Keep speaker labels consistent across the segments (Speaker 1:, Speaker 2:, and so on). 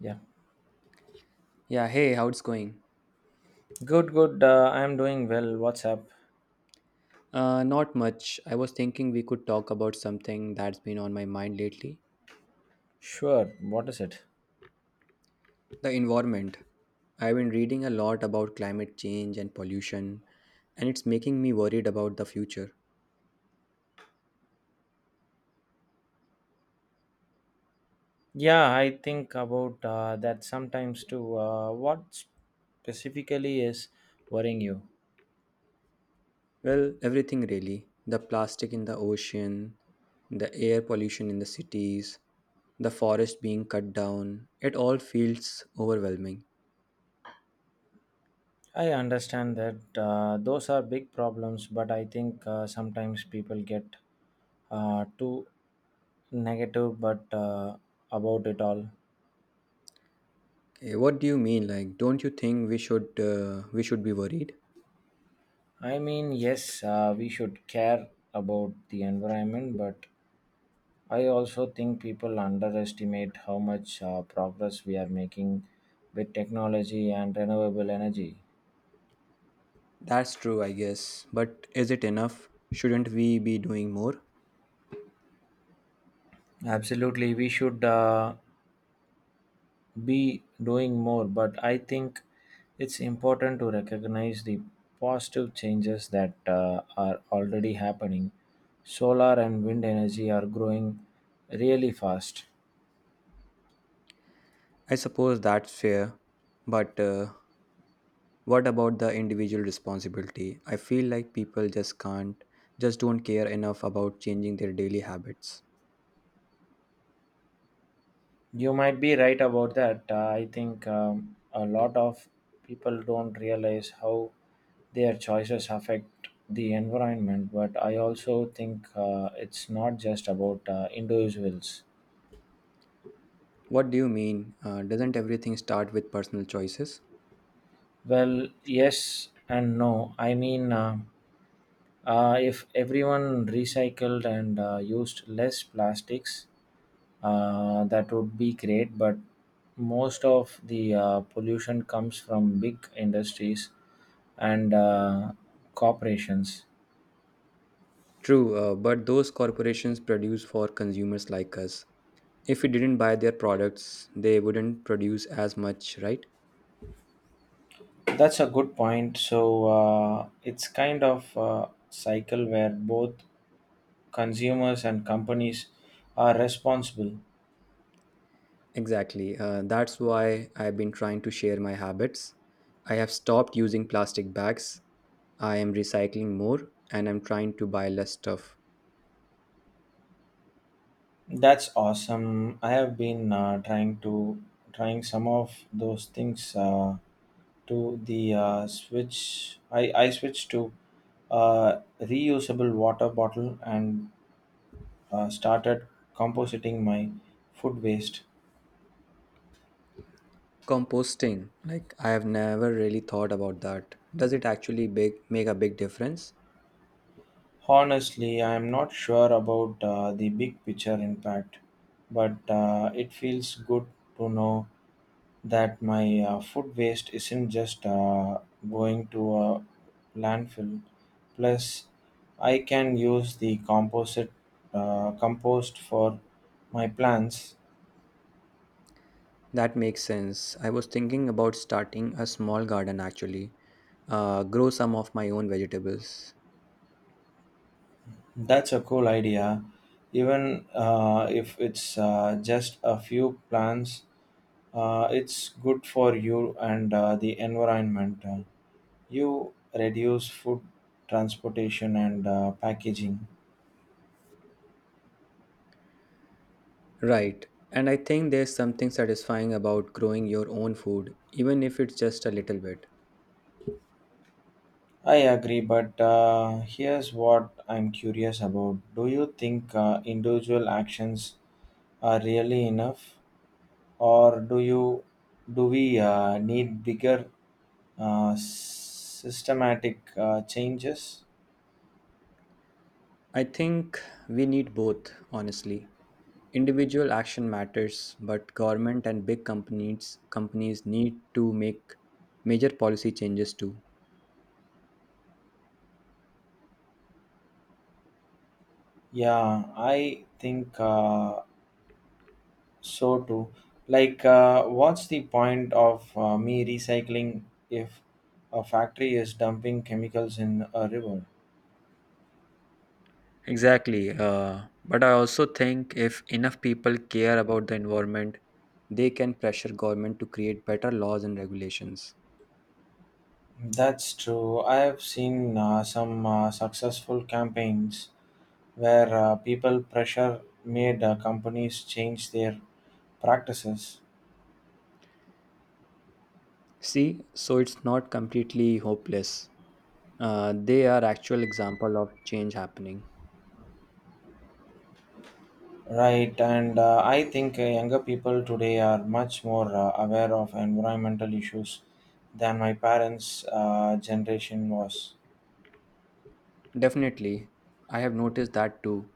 Speaker 1: Yeah.
Speaker 2: Yeah, hey, how it's going?
Speaker 1: Good, good. I'm doing well. What's up?
Speaker 2: Not much. I was thinking we could talk about something that's been on my mind lately
Speaker 1: Sure. What is it?
Speaker 2: the environment. I've been reading a lot about climate change and pollution, and it's making me worried about the future.
Speaker 1: Yeah, I think about that sometimes too. What specifically is worrying you?
Speaker 2: Well, everything really the plastic in the ocean, the air pollution in the cities, the forest being cut down. It all feels overwhelming.
Speaker 1: I understand that those are big problems, but I think sometimes people get too negative but about it all.
Speaker 2: Okay, what do you mean? Like, don't you think we should be worried?
Speaker 1: I mean, yes, we should care about the environment, but I also think people underestimate how much progress we are making with technology and renewable energy.
Speaker 2: That's true, I guess. But is it enough? Shouldn't we be doing more?
Speaker 1: Absolutely, we should be doing more, but I think it's important to recognize the positive changes that are already happening. Solar and wind energy are growing really fast.
Speaker 2: I suppose that's fair. But what about the individual responsibility? I feel like people just don't care enough about changing their daily habits.
Speaker 1: You might be right about that. I think a lot of people don't realize how their choices affect the environment but I also think it's not just about individuals
Speaker 2: What do you mean? Doesn't everything start with personal choices?
Speaker 1: well yes and no I mean if everyone recycled and used less plastics that would be great but most of the pollution comes from big industries and corporations.
Speaker 2: True, but those corporations produce for consumers like us. If we didn't buy their products, they wouldn't produce as much, right?
Speaker 1: That's a good point. So it's kind of a cycle where both consumers and companies are responsible.
Speaker 2: Exactly. That's why I've been trying to share my habits. I have stopped using plastic bags. I am recycling more and I'm trying to buy less stuff.
Speaker 1: That's awesome. I have been trying some of those things to the switch. I switched to a reusable water bottle and started compositing my food waste.
Speaker 2: Composting, like I have never really thought about that. Does make a big difference?
Speaker 1: Honestly, I'm not sure about the big picture impact, but it feels good to know that my food waste isn't just going to a landfill. Plus, I can use the composite compost for my plants.
Speaker 2: That makes sense. I was thinking about starting a small garden actually, grow some of my own vegetables.
Speaker 1: That's a cool idea, even if it's just a few plants. It's good for you and the environment. You reduce food transportation and packaging.
Speaker 2: Right. And I think there's something satisfying about growing your own food, even if it's just a little bit.
Speaker 1: I agree, but here's what I'm curious about. Do you think individual actions are really enough, or do we need bigger systematic changes?
Speaker 2: I think we need both, honestly. Individual action matters, but government and big companies need to make major policy changes too.
Speaker 1: Yeah, I think so too, like, what's the point of me recycling if a factory is dumping chemicals in a river?
Speaker 2: Exactly. But I also think if enough people care about the environment, they can pressure government to create better laws and regulations.
Speaker 1: That's true. I have seen some successful campaigns where people pressure made companies change their practices.
Speaker 2: See, so it's not completely hopeless. They are actual example of change happening.
Speaker 1: Right, and I think younger people today are much more aware of environmental issues than my parents' generation was.
Speaker 2: Definitely, I have noticed that too.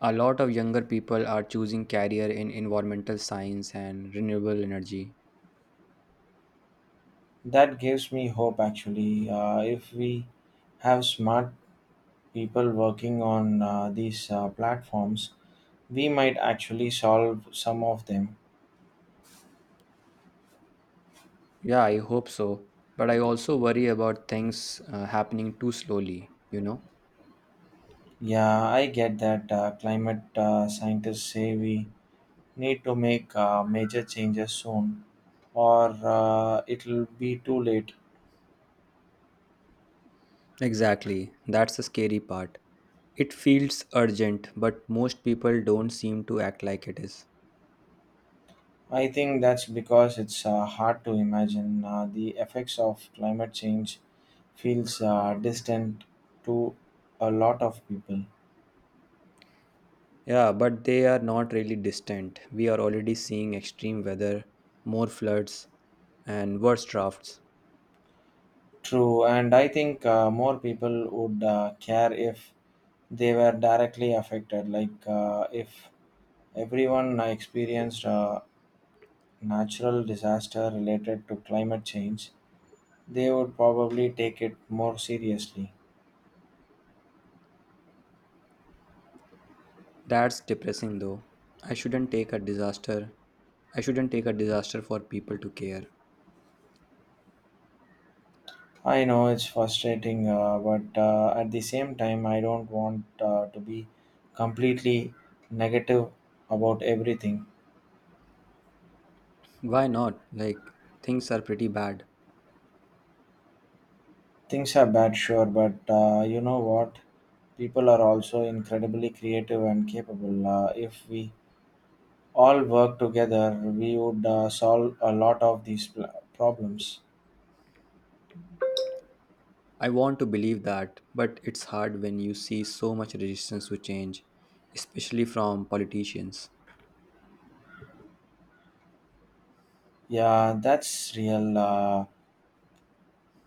Speaker 2: A lot of younger people are choosing career in environmental science and renewable energy.
Speaker 1: That gives me hope actually. If we have smart people working on these platforms, we might actually solve some of them.
Speaker 2: Yeah, I hope so. But I also worry about things happening too slowly, you know?
Speaker 1: Yeah, I get that. Climate scientists say we need to make major changes soon or it'll be too late.
Speaker 2: Exactly. That's the scary part. It feels urgent, but most people don't seem to act like it is.
Speaker 1: I think that's because it's hard to imagine. The effects of climate change feels distant to a lot of people.
Speaker 2: Yeah, but they are not really distant. We are already seeing extreme weather, more floods, and worse drafts.
Speaker 1: True, and I think more people would care if they were directly affected. Like if everyone experienced a natural disaster related to climate change, they would probably take it more seriously.
Speaker 2: That's depressing though. I shouldn't take a disaster. I shouldn't take a disaster for people to care.
Speaker 1: I know it's frustrating, but at the same time, I don't want to be completely negative about everything.
Speaker 2: Why not? Like, things are pretty bad.
Speaker 1: Things are bad, sure, but you know what? People are also incredibly creative and capable. If we all work together, we would solve a lot of these problems.
Speaker 2: I want to believe that, but it's hard when you see so much resistance to change, especially from politicians.
Speaker 1: Yeah, that's real.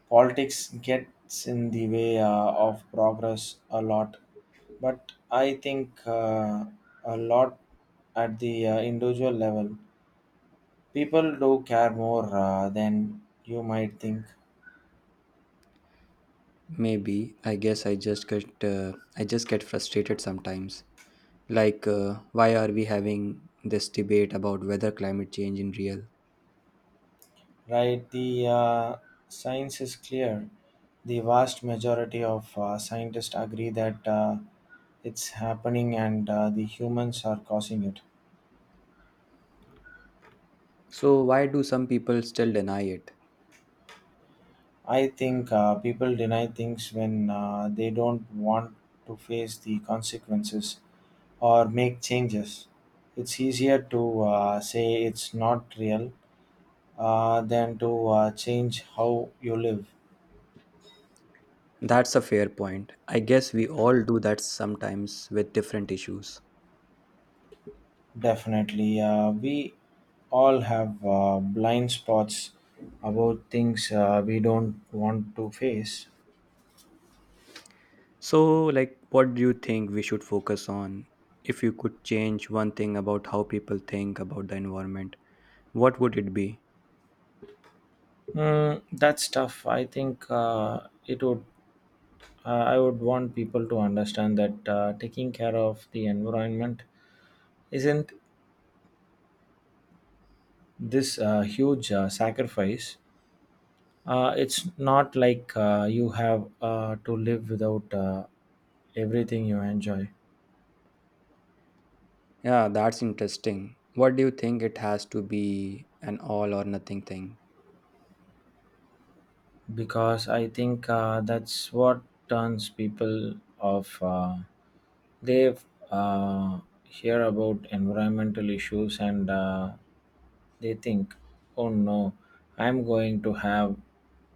Speaker 1: Politics gets in the way of progress a lot, but I think a lot at the individual level, people do care more than you might think.
Speaker 2: Maybe I just get frustrated sometimes. Like, why are we having this debate about whether climate change is real?
Speaker 1: Right, the science is clear. The vast majority of scientists agree that it's happening and the humans are causing it.
Speaker 2: So why do some people still deny it?
Speaker 1: I think people deny things when they don't want to face the consequences or make changes. It's easier to say it's not real than to change how you live.
Speaker 2: That's a fair point. I guess we all do that sometimes with different issues.
Speaker 1: Definitely. We all have blind spots about things we don't want to face.
Speaker 2: So, like, what do you think we should focus on? If you could change one thing about how people think about the environment, what would it be?
Speaker 1: Mm, that's tough. I think it would. Uh, I would want people to understand that taking care of the environment isn't this huge sacrifice. It's not like you have to live without everything you enjoy.
Speaker 2: Yeah, that's interesting. What do you think it has to be an all or nothing thing?
Speaker 1: Because I think that's what turns people off. They hear about environmental issues and they think, oh no, I'm going to have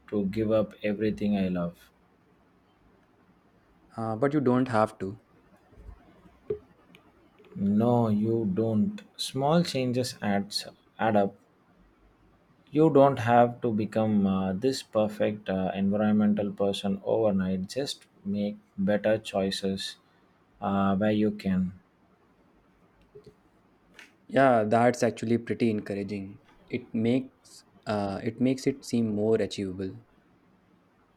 Speaker 1: to give up everything I love.
Speaker 2: But you don't have to.
Speaker 1: No, you don't. Add up. You don't have to become this perfect environmental person overnight. Just make better choices where you can.
Speaker 2: Yeah, that's actually pretty encouraging. It makes it seem more achievable.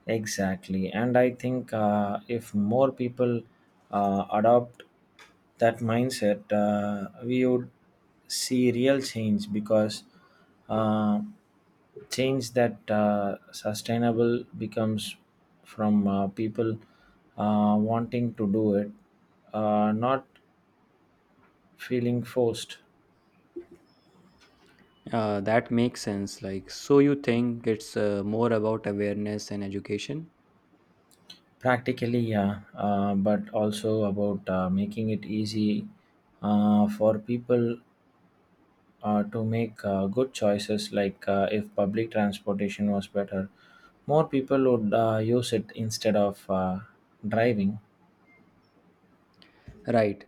Speaker 1: Exactly. And I think if more people adopt that mindset, we would see real change because uh, change that sustainable becomes from people wanting to do it, not feeling forced.
Speaker 2: That makes sense. Like, so you think it's more about awareness and education?
Speaker 1: Practically, yeah, but also about making it easy for people to make good choices, like if public transportation was better, more people would use it instead of driving.
Speaker 2: Right.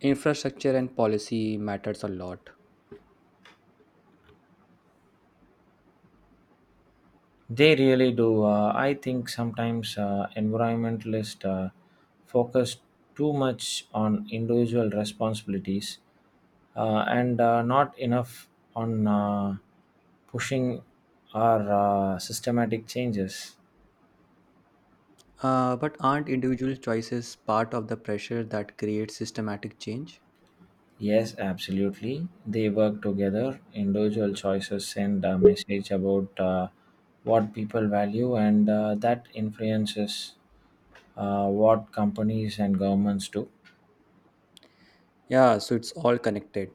Speaker 2: Infrastructure and policy matters a lot.
Speaker 1: They really do. I think sometimes environmentalists focus too much on individual responsibilities and not enough on pushing our systematic changes.
Speaker 2: But aren't individual choices part of the pressure that creates systematic change?
Speaker 1: Yes, absolutely. They work together. Individual choices send a message about what people value, and that influences what companies and governments do.
Speaker 2: Yeah, so it's all connected.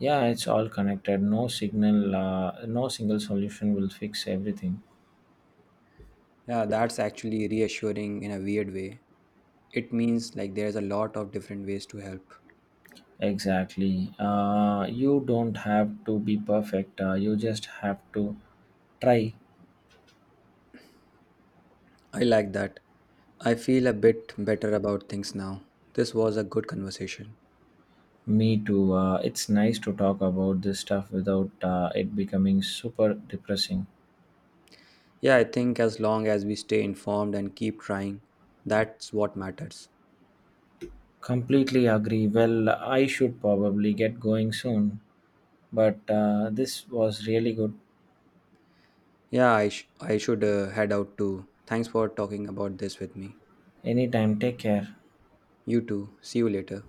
Speaker 1: Yeah, it's all connected. No single solution will fix everything.
Speaker 2: Yeah, that's actually reassuring in a weird way. It means like there's a lot of different ways to help.
Speaker 1: Exactly. You don't have to be perfect. You just have to try.
Speaker 2: I like that. I feel a bit better about things now. This was a good conversation.
Speaker 1: Me too. It's nice to talk about this stuff without it becoming super depressing.
Speaker 2: Yeah, I think as long as we stay informed and keep trying, that's what matters.
Speaker 1: Completely agree. Well, I should probably get going soon, but this was really good.
Speaker 2: Yeah, I should head out too. Thanks for talking about this with me.
Speaker 1: Anytime, take care.
Speaker 2: You too. See you later.